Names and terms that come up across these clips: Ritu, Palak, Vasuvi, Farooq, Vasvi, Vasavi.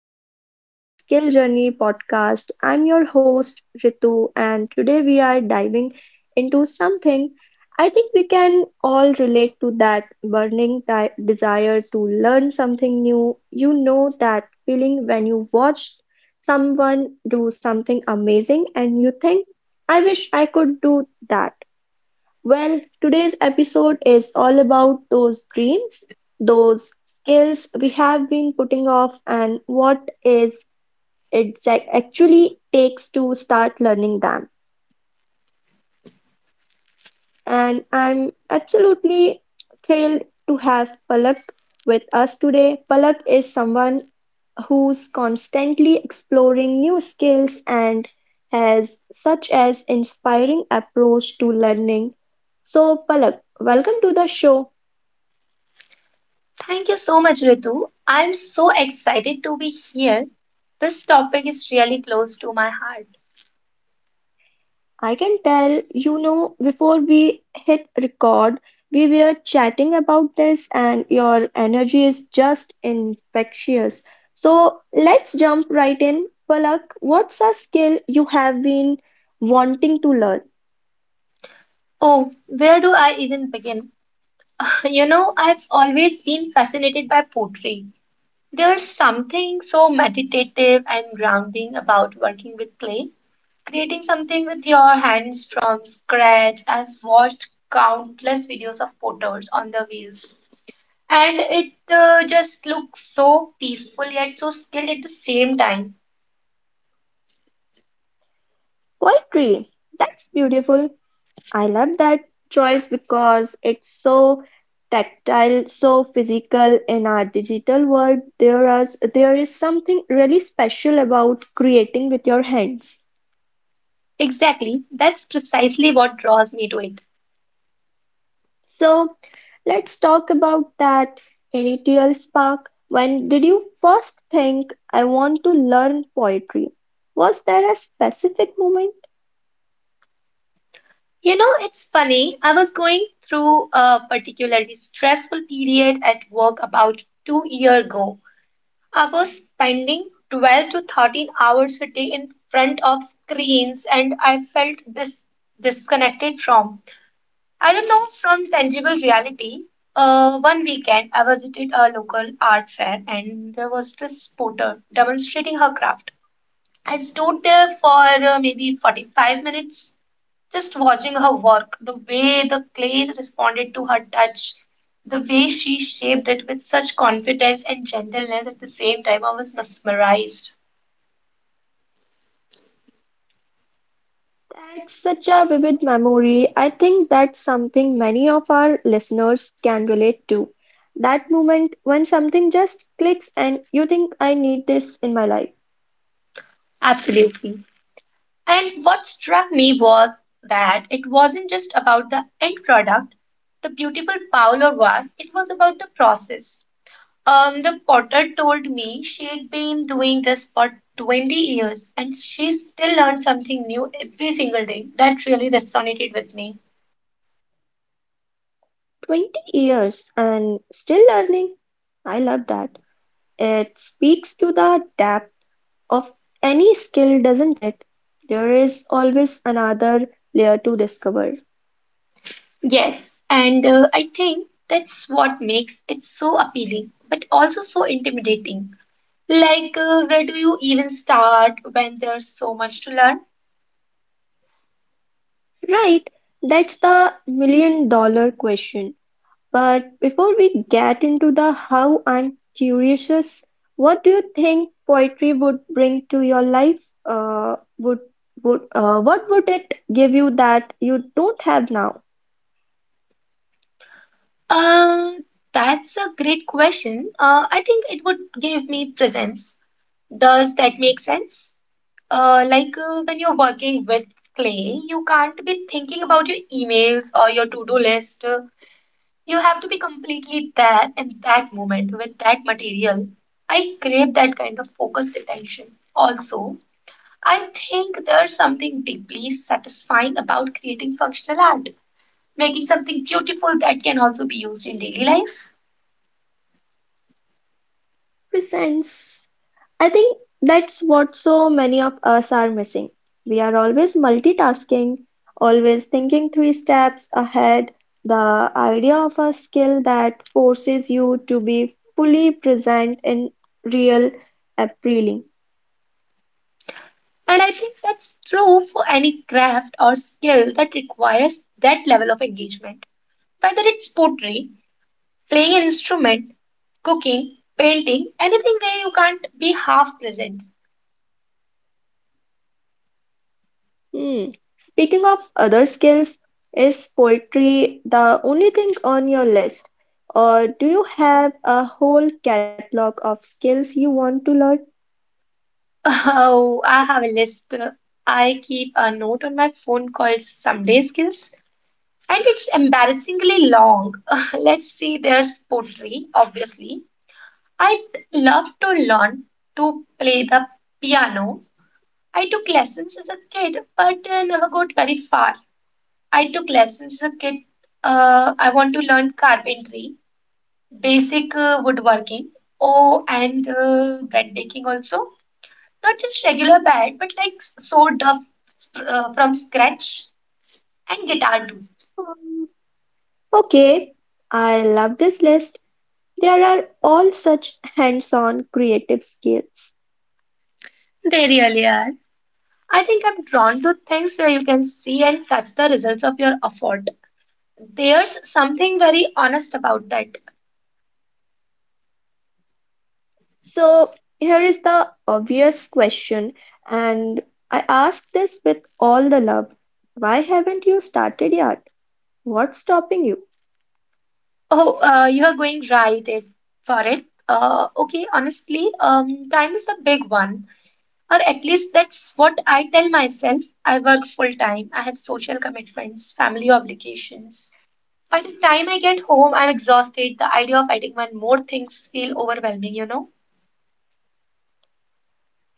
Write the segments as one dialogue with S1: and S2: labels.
S1: welcome back to the Skill Journey podcast. I'm your host, Ritu, and today we are diving into something I think we can all relate to that burning desire to learn something new. You know that feeling when you watch someone do something amazing and you think, I wish I could do that. Well, today's episode is all about those dreams, those skills we have been putting off, and what is it that actually takes to start learning them. And I'm absolutely thrilled to have Palak with us today. Palak is someone who's constantly exploring new skills and has such an inspiring approach to learning. So, Palak, welcome to the show.
S2: Thank you so much, Ritu. I'm so excited to be here. This topic is really close to my heart.
S1: I can tell, you know, before we hit record, we were chatting about this, and your energy is just infectious. So let's jump right in. Palak, what's a skill you have been wanting to learn?
S2: Oh, where do I even begin? You know, I've always been fascinated by poetry. There's something so meditative and grounding about working with clay. Creating something with your hands from scratch. I've watched countless videos of potters on the wheels. And it just looks so peaceful yet so skilled at the same time.
S1: Poetry. That's beautiful. I love that choice because it's so tactile, so physical in our digital world. There is something really special about creating with your hands.
S2: Exactly. That's precisely what draws me to it.
S1: So let's talk about that initial spark. When did you first think, I want to learn poetry? Was there a specific moment?
S2: You know, it's funny. I was going through a particularly stressful period at work about 2 years ago. I was spending 12 to 13 hours a day in front of screens, and I felt this disconnected from, I don't know, from tangible reality. One weekend, I visited a local art fair, and there was this potter demonstrating her craft. I stood there for maybe 45 minutes, just watching her work, the way the clay responded to her touch, the way she shaped it with such confidence and gentleness at the same time. I was mesmerized.
S1: That's such a vivid memory. I think that's something many of our listeners can relate to. That moment when something just clicks and you think, I need this in my life.
S2: Absolutely. And what struck me was that it wasn't just about the end product, the beautiful bowl, or was, it was about the process. The potter told me she'd been doing this for 20 years and she still learned something new every single day. That really resonated with me.
S1: 20 years and still learning. I love that. It speaks to the depth of any skill, doesn't it? There is always another layer to discover.
S2: Yes, and I think that's what makes it so appealing, but also so intimidating. Like, where do you even start when there's so much to learn?
S1: Right, that's the million dollar question. But before we get into the how, I'm curious, what do you think poetry would bring to your life? Uh, would would What would it give you that you don't have now?
S2: Uh, that's a great question. I think it would give me presence. Does that make sense? Like, when you're working with clay, you can't be thinking about your emails or your to-do list. You have to be completely there in that moment with that material. I crave that kind of focused attention. Also, I think there's something deeply satisfying about creating functional art, making something beautiful that can also be used in daily life.
S1: Presence. I think that's what so many of us are missing. We are always multitasking, always thinking three steps ahead. The idea of a skill that forces you to be fully present in real appealing.
S2: And I think that's true for any craft or skill that requires that level of engagement, whether it's pottery. Playing an instrument, cooking, painting, anything where you can't be half present.
S1: Hmm. Speaking of other skills, is poetry the only thing on your list? Or do you have a whole catalog of skills you want to learn?
S2: Oh, I have a list. I keep a note on my phone called Someday Skills, and it's embarrassingly long. Let's see, there's pottery, obviously. I'd love to learn to play the piano. I took lessons as a kid, but never got very far. I took lessons as a kid. I want to learn carpentry. Basic woodworking. Oh, and bread baking also. Not just regular bread, but like sewed up from scratch. And guitar too.
S1: Okay, I love this list. There are all such hands on creative skills.
S2: They really are. I think I'm drawn to things where you can see and touch the results of your effort. There's something very honest about that.
S1: So, here is the obvious question, and I ask this with all the love. Why haven't you started yet? What's stopping you?
S2: Oh, you are going right it, for it. Okay, honestly, time is a big one. Or at least that's what I tell myself. I work full time, I have social commitments, family obligations. By the time I get home, I'm exhausted. The idea of adding one more things feel overwhelming,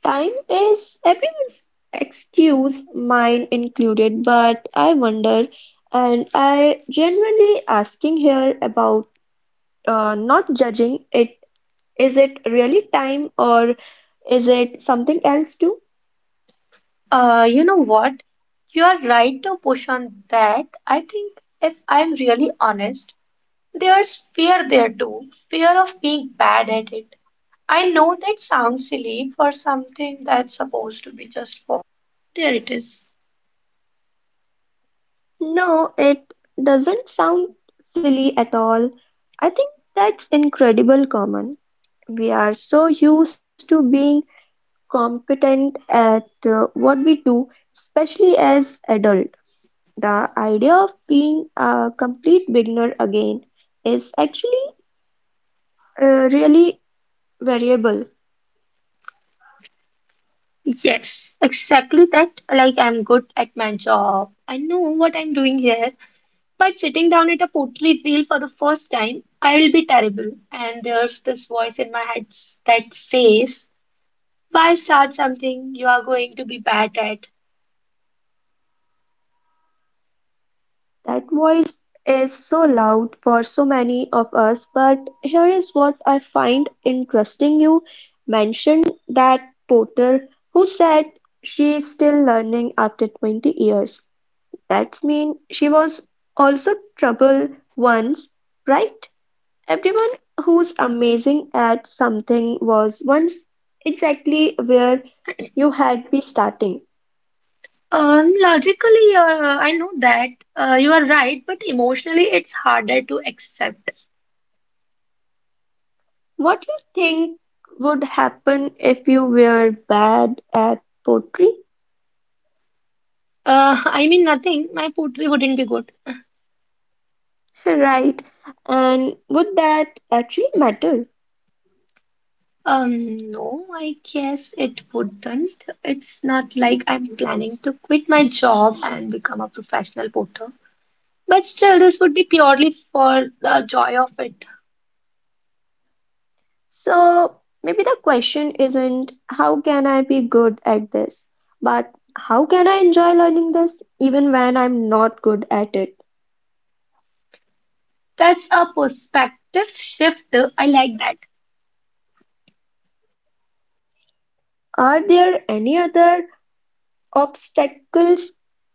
S1: Time is everyone's excuse, mine included, but I wonder, and I genuinely asking here about not judging it. Is it really time or is it something else too?
S2: You know what? You are right to push on that. I think if I'm really honest, there's fear there too. Fear of being bad at it. I know that sounds silly for something that's supposed to be just for. There it is.
S1: No, it doesn't sound silly at all. I think that's incredible common. We are so used to being competent at what we do, especially as adult. The idea of being a complete beginner again is actually really variable.
S2: Yes, exactly that. Like, I'm good at my job. I know what I'm doing here. But sitting down at a portrait wheel for the first time, I will be terrible. And there's this voice in my head that says, why start something you are going to be bad at?
S1: That voice is so loud for so many of us, but here is what I find interesting. You mentioned that Porter who said she is still learning after 20 years. That means she was also trouble once, right? Everyone who's amazing at something was once exactly where you had be starting.
S2: Logically, I know that you are right, but emotionally, it's harder to accept.
S1: What do you think would happen if you were bad at poetry?
S2: I mean, nothing. My poetry wouldn't be good.
S1: Right. And would that actually matter?
S2: No, I guess it wouldn't. It's not like I'm planning to quit my job and become a professional potter. But still, this would be purely for the joy of it.
S1: So maybe the question isn't how can I be good at this, but how can I enjoy learning this even when I'm not good at it?
S2: That's a perspective shift. I like that.
S1: Are there any other obstacles,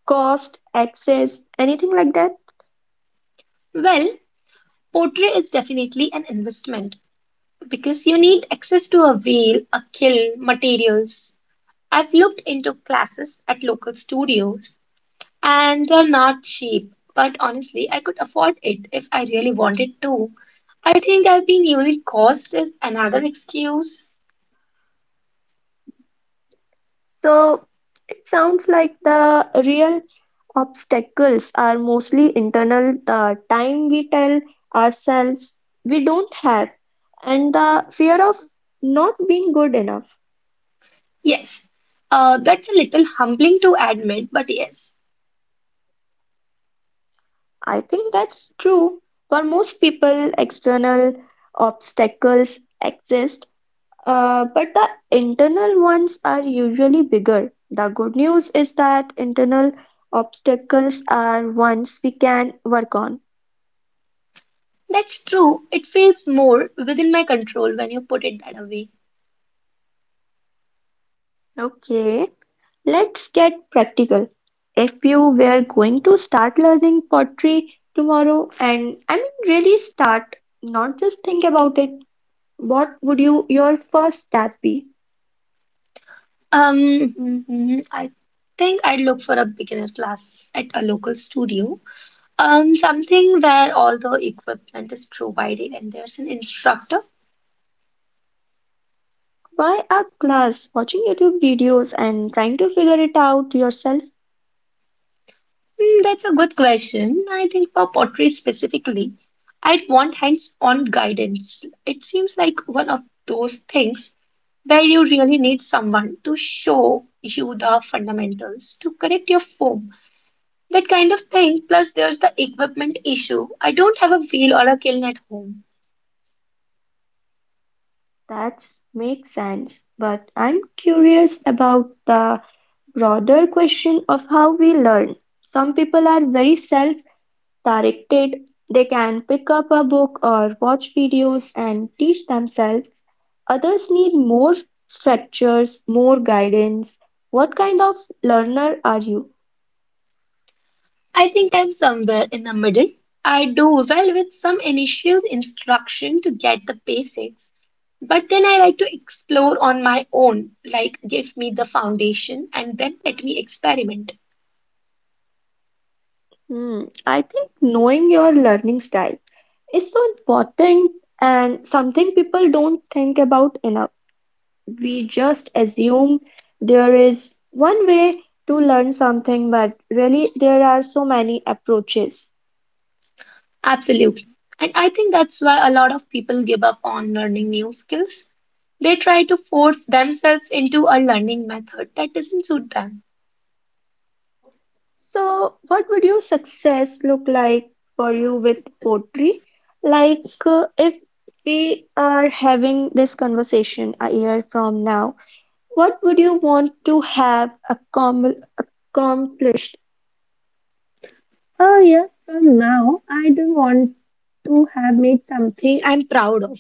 S1: cost, access, anything like that?
S2: Well, pottery is definitely an investment because you need access to a wheel, a kiln, materials. I've looked into classes at local studios. And they're not cheap, but honestly, I could afford it if I really wanted to. I think I've been using cost as another excuse.
S1: So it sounds like the real obstacles are mostly internal, the time we tell ourselves we don't have, and the fear of not being good enough.
S2: Yes, that's a little humbling to admit, but yes,
S1: I think that's true for most people. External obstacles exist, but the internal ones are usually bigger. The good news is that internal obstacles are ones we can work on.
S2: that's true. It feels more within my control when you put it that way.
S1: Okay. Let's get practical. If you were going to start learning pottery tomorrow and I mean really start, not just think about it, what would you your first step be?
S2: Mhm, I think I'd look for a beginner class at a local studio. Something where all the equipment is provided and there's an instructor.
S1: Why a class, watching YouTube videos and trying to figure it out yourself?
S2: Hmm, that's a good question. I think for pottery specifically, I'd want hands-on guidance. It seems like one of those things where you really need someone to show you the fundamentals, to correct your form, that kind of thing. Plus, there's the equipment issue. I don't have a wheel or a kiln at home.
S1: That makes sense. But I'm curious about the broader question of how we learn. Some people are very self directed, they can pick up a book or watch videos and teach themselves. Others need more structures, more guidance. What kind of learner are you?
S2: I think I'm somewhere in the middle. I do well with some initial instruction to get the basics, but then I like to explore on my own, like give me the foundation and then let me experiment.
S1: Hmm, I think knowing your learning style is so important and something people don't think about enough. We just assume there is one way to learn something, but really, there are so many approaches.
S2: Absolutely. And I think that's why a lot of people give up on learning new skills. They try to force themselves into a learning method that doesn't suit them.
S1: So, what would your success look like for you with poetry? Like, if we are having this conversation a year from now, what would you want to have accomplished?
S2: Oh yeah, so now I do want to have made something I'm proud of.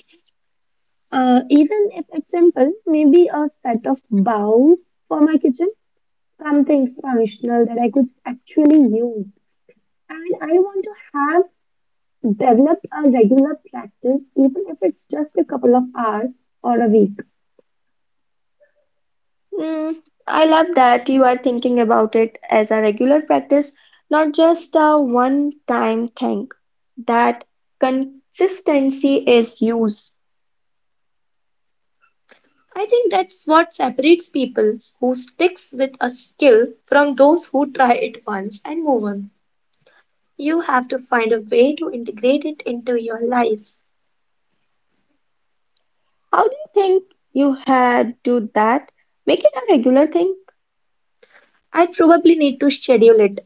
S2: Even if it's simple, maybe a set of bowls for my kitchen, something functional that I could actually use. And I want to have developed a regular practice, even if it's just a couple of hours or a week.
S1: Mm, I love that you are thinking about it as a regular practice, not just a one-time thing. That consistency is used.
S2: I think that's what separates people who sticks with a skill from those who try it once and move on. You have to find a way to integrate it into your life.
S1: How do you think you had do that? Make it a regular thing.
S2: I probably need to schedule it.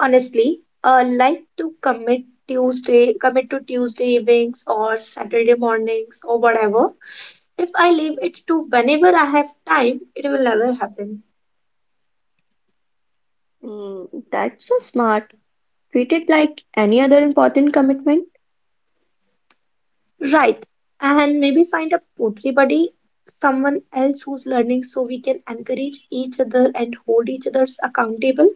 S2: Honestly, I like to commit commit to Tuesday evenings or Saturday mornings or whatever. If I leave it to whenever I have time, it will never happen.
S1: Mm, that's so smart. Treat it like any other important commitment.
S2: Right. And maybe find a poetry buddy, someone else who's learning so we can encourage each other and hold each other's accountable.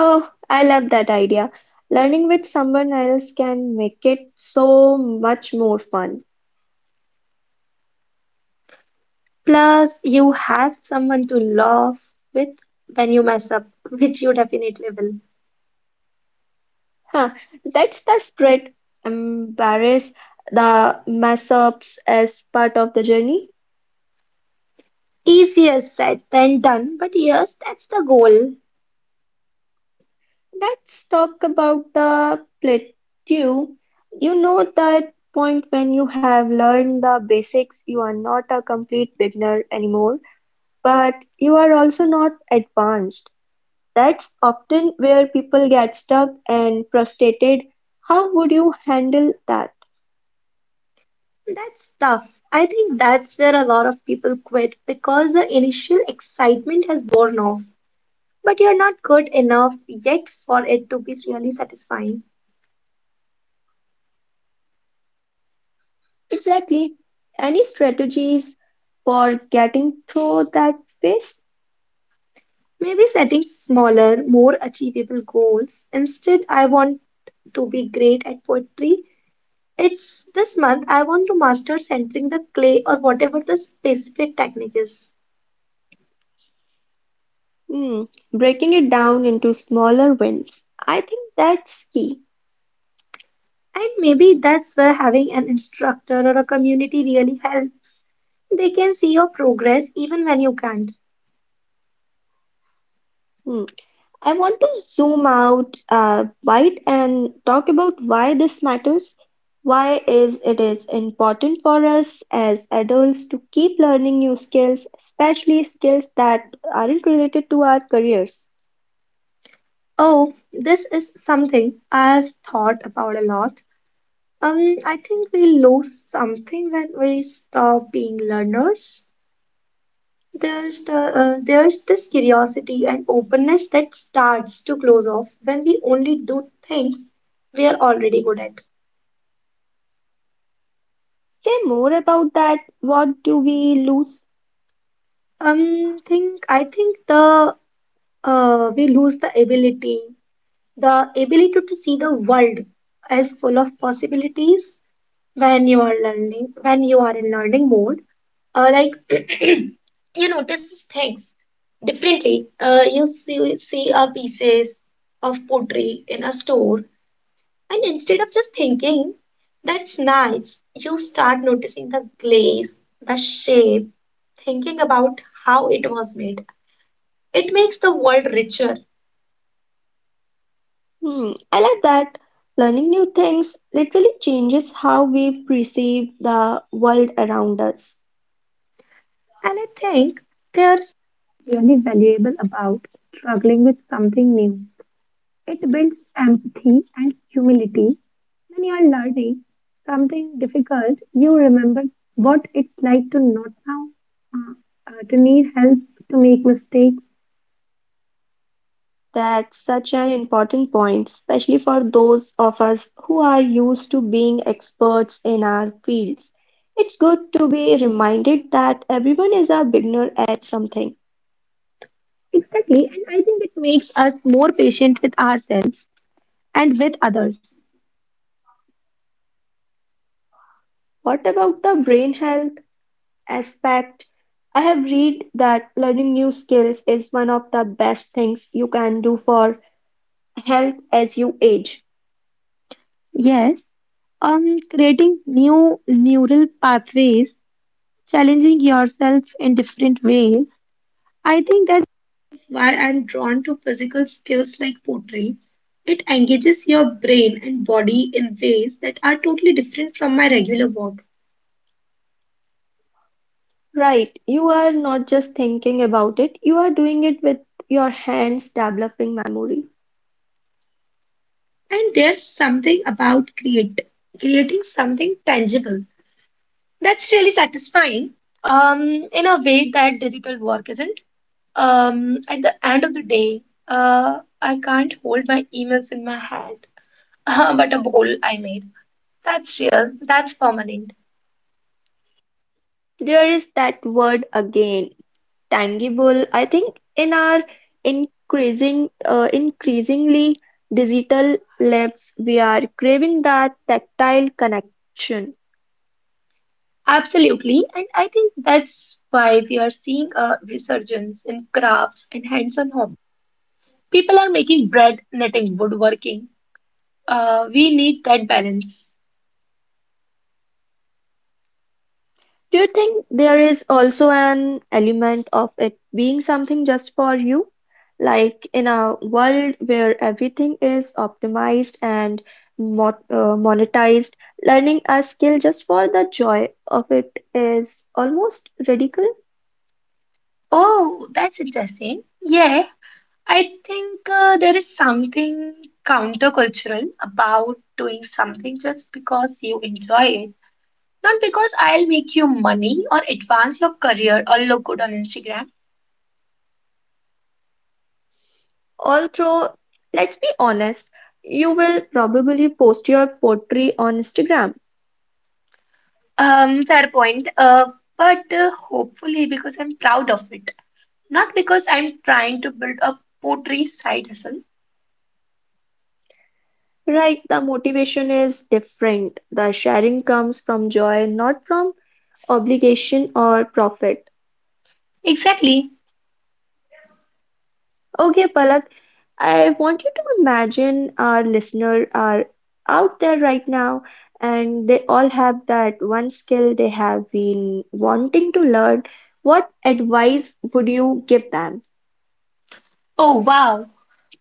S1: Oh, I love that idea. Learning with someone else can make it so much more fun.
S2: Plus, you have someone to laugh with when you mess up, which you definitely will.
S1: Huh, that's the spirit. Embrace the mess ups as part of the journey.
S2: Easier said than done, but yes, that's the goal.
S1: Let's talk about the plateau. You know that point when you have learned the basics, you are not a complete beginner anymore, but you are also not advanced. That's often where people get stuck and frustrated. How would you handle that?
S2: That's tough. I think that's where a lot of people quit because the initial excitement has worn off, but you're not good enough yet for it to be really satisfying.
S1: Exactly. Any strategies for getting through that phase?
S2: Maybe setting smaller, more achievable goals. Instead, I want to be great at poetry. It's this month I want to master centering the clay or whatever the specific technique is.
S1: Hmm. Breaking it down into smaller wins. I think that's key.
S2: And maybe that's where having an instructor or a community really helps. They can see your progress even when you can't.
S1: Hmm. I want to zoom out a bit and talk about why this matters. Why is it is important for us as adults to keep learning new skills, especially skills that aren't related to our careers.
S2: Oh, this is something I've thought about a lot. I think we lose something when we stop being learners. There's this curiosity and openness that starts to close off when we only do things we are already good at.
S1: Say more about that. What do we lose?
S2: Think I think the we lose the ability. The ability to see the world as full of possibilities when you are learning, when you are in learning mode, like you notice things differently. You see a pieces of pottery in a store, and instead of just thinking that's nice, you start noticing the glaze, the shape, thinking about how it was made. It makes the world richer,
S1: Hmm, I like that. Learning new things literally changes how we perceive the world around us.
S2: and I think there's really valuable about struggling with something new. It builds empathy and humility. When you are learning something difficult, you remember what it's like to not know, to need help, to make mistakes.
S1: That's such an important point, especially for those of us who are used to being experts in our fields. It's good to be reminded that everyone is a beginner at something.
S2: Exactly, and I think it makes us more patient with ourselves and with others.
S1: What about the brain health aspect? I have read that learning new skills is one of the best things you can do for health as you age.
S2: Yes, creating new neural pathways, challenging yourself in different ways. I think that's why I'm drawn to physical skills like pottery. It engages your brain and body in ways that are totally different from my regular work.
S1: Right, you are not just thinking about it, you are doing it with your hands, developing memory.
S2: And there's something about create creating something tangible that's really satisfying um, in a way that digital work isn't. At the end of the day, I can't hold my emails in my hand, but a bowl I made. That's real. That's permanent.
S1: There is that word again, tangible. I think in our increasingly digital lives, we are craving that tactile connection.
S2: Absolutely, and I think that's why we are seeing a resurgence in crafts and hands-on home. People are making bread, knitting, woodworking. We need that balance.
S1: Do you think there is also an element of it being something just for you? Like in a world where everything is optimized and mo monetized, learning a skill just for the joy of it is almost radical.
S2: Oh, that's interesting. Yeah, I think there is something countercultural about doing something just because you enjoy it, not because I'll make you money or advance your career or look good on Instagram.
S1: Although, let's be honest, you will probably post your poetry on Instagram,
S2: Fair point. But hopefully because I'm proud of it. Not because I'm trying to build a pottery side hustle.
S1: right? The motivation is different. The sharing comes from joy, not from obligation or profit.
S2: Exactly.
S1: Okay, Palak, I want you to imagine our listener are out there right now and they all have that one skill they have been wanting to learn. What advice would you give them?
S2: Oh wow,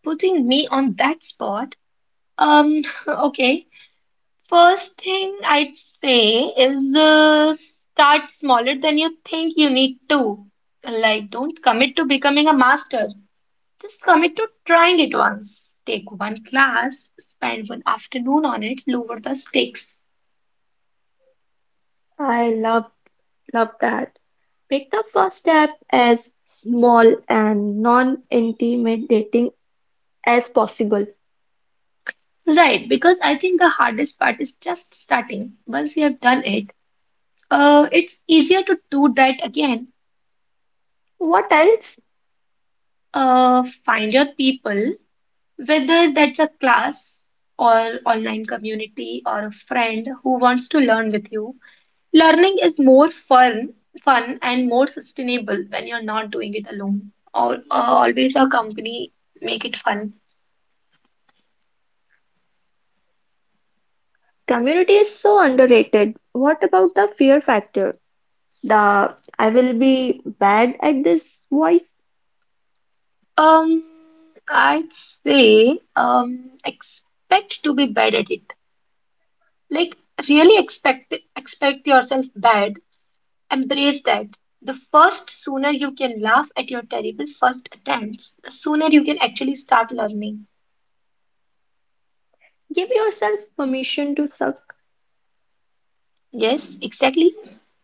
S2: putting me on that spot. Um, okay. First thing I'd say is start smaller than you think you need to. Like, don't commit to becoming a master. Just commit to trying it once. Take one class, spend one afternoon on it, lower the stakes.
S1: I love that. Pick the first step as small and non-intimidating as possible.
S2: Right, because I think the hardest part is just starting. Once you have done it, it's easier to do that again.
S1: What else?
S2: Find your people, whether that's a class or online community or a friend who wants to learn with you. Learning is more fun and more sustainable when you're not doing it alone. Or always a company make it fun.
S1: Community is so underrated. What about the fear factor? The I will be bad at this voice.
S2: Um, I'd say expect to be bad at it. Like really expect yourself bad. Embrace that. The first sooner you can laugh at your terrible first attempts, the sooner you can actually start learning.
S1: Give yourself permission to suck.
S2: Yes, exactly.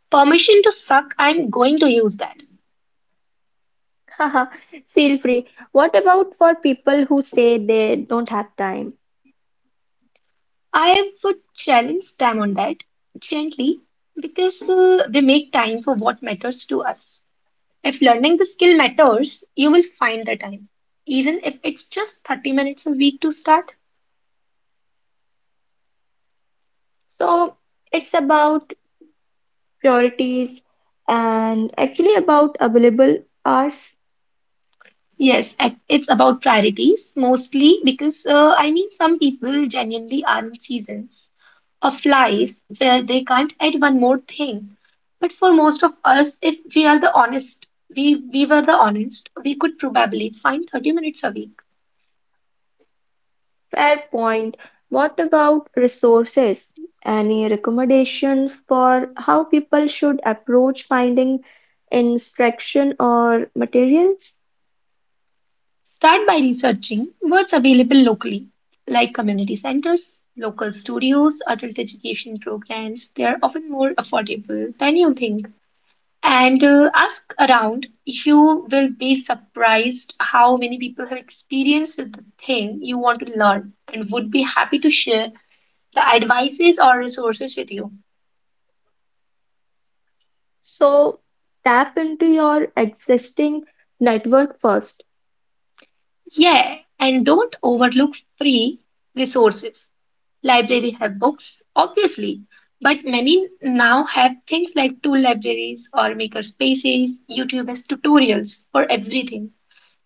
S2: Permission to suck, I'm going to use that.
S1: Haha, feel free. What about for people who say they don't have time?
S2: I would challenge them on that gently because they make time for what matters to us. If learning the skill matters, you will find the time, even if it's just 30 minutes a week to start.
S1: So it's about priorities, and actually about available hours.
S2: Yes, it's about priorities mostly because I mean, some people genuinely are in seasons of life where they can't add one more thing. But for most of us, if we are the honest, we were the honest, we could probably find 30 minutes a week.
S1: Fair point. What about resources? Any recommendations for how people should approach finding instruction or materials?
S2: Start by researching what's available locally, like community centers, local studios, adult education programs. They are often more affordable than you think. And ask around. You will be surprised how many people have experienced the thing you want to learn and would be happy to share the advices or resources with you.
S1: So tap into your existing network first.
S2: Yeah, and don't overlook free resources. Libraries have books, obviously, but many now have things like tool libraries or maker spaces, YouTube has tutorials for everything.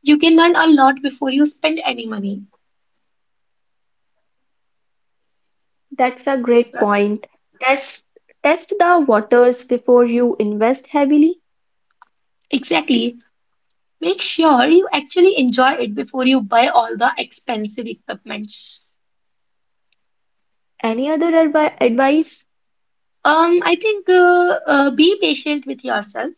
S2: You can learn a lot before you spend any money.
S1: That's a great
S2: Right.
S1: point. Test Test the waters before you invest heavily.
S2: Exactly. Make sure you actually enjoy it before you buy all the expensive equipment.
S1: Any other advice?
S2: I think be patient with yourself.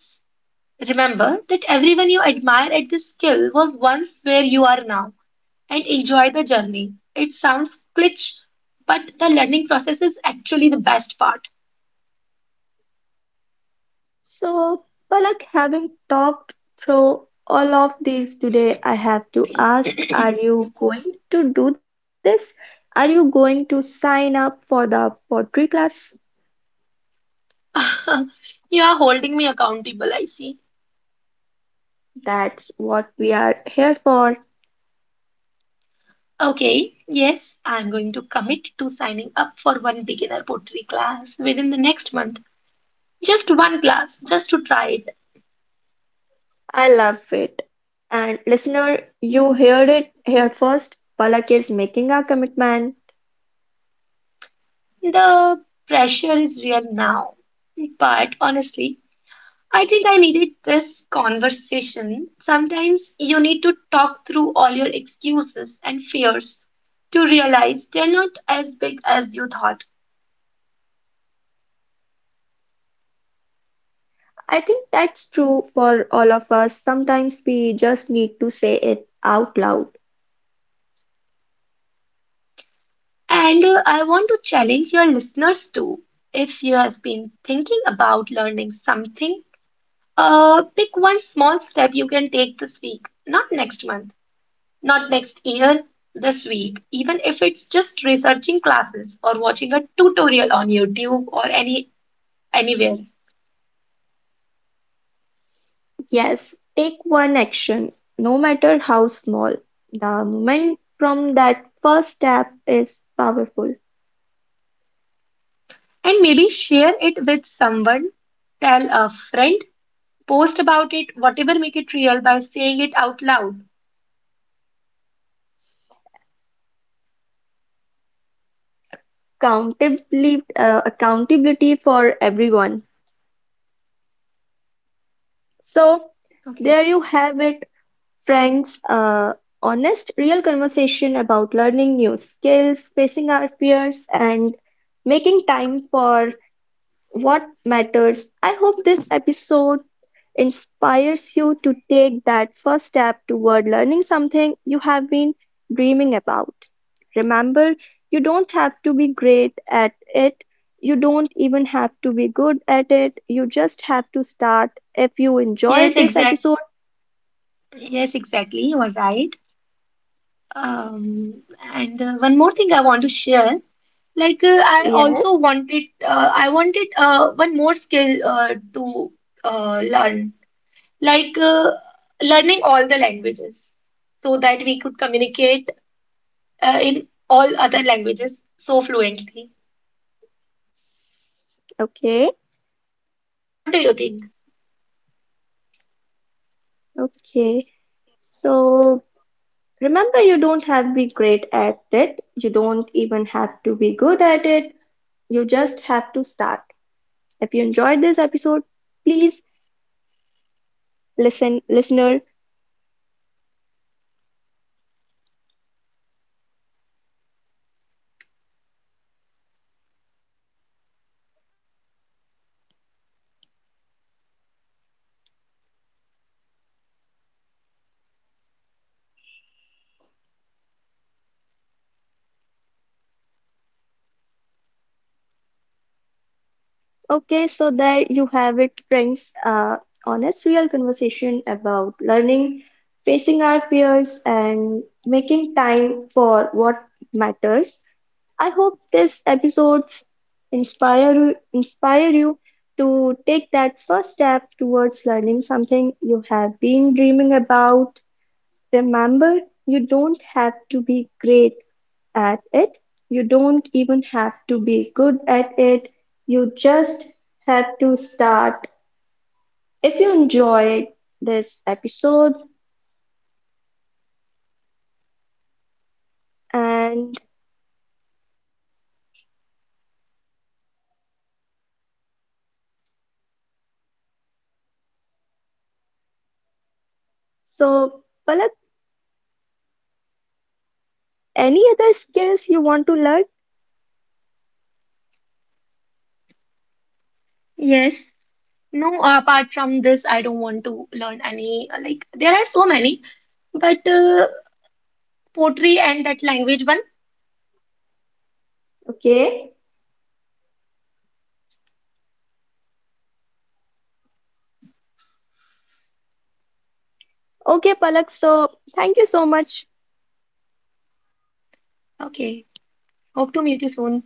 S2: Remember that everyone you admire at this skill was once where you are now and enjoy the journey. It sounds cliché, but the learning process is actually the best part.
S1: So, Palak, having talked through all of these today, I have to ask, are you going to do this? Are you going to sign up for the pottery class?
S2: You are holding me accountable, I see.
S1: That's what we are here for.
S2: Okay, yes, I'm going to commit to signing up for one beginner pottery class within the next month. Just one glass, just to try it.
S1: I love it. And listener, you heard it here first. Palak is making a commitment.
S2: The pressure is real now. But honestly, I think I needed this conversation. Sometimes you need to talk through all your excuses and fears to realize they're not as big as you thought.
S1: I think that's true for all of us. Sometimes we just need to say it out loud.
S2: And I want to challenge your listeners too. If you have been thinking about learning something, pick one small step you can take this week, not next month. Not next year, this week, even if it's just researching classes or watching a tutorial on YouTube or anywhere.
S1: Yes, take one action, no matter how small. The moment from that first step is powerful.
S2: And maybe share it with someone, tell a friend, post about it, whatever make it real by saying it out loud.
S1: Accountability for everyone. So,
S2: Okay.
S1: there you have it, friends. Honest, real conversation about learning new skills, facing our fears, and making time for what matters. I hope this episode inspires you to take that first step toward learning something you have been dreaming about. Remember, you don't have to be great at it. You don't even have to be good at it. You just have to start. If you
S2: Yes,
S1: enjoyed this
S2: exact.
S1: episode,
S2: Yes, exactly. You are right. Um, and one more thing I want to share. Like
S1: yes,
S2: I wanted one more skill to learn. Like learning all the languages so that we could communicate in all other languages so fluently.
S1: okay,
S2: What do you think?
S1: okay. So remember, you don't have to be great at it. You don't even have to be good at it. You just have to start. If you enjoyed this episode, please listener okay so there you have it friends honest real conversation about learning facing our fears and making time for what matters I hope this episodes inspire you to take that first step towards learning something you have been dreaming about remember you don't have to be great at it. You don't even have to be good at it. You just have to start. If you enjoyed this episode, and so Palak, any other skills you want to learn?
S2: Yes, No, apart from this, I don't want to learn any. Like, there are so many, but poetry and that language one.
S1: Okay. Okay, Palak. So thank you so much.
S2: Okay, hope to meet you soon.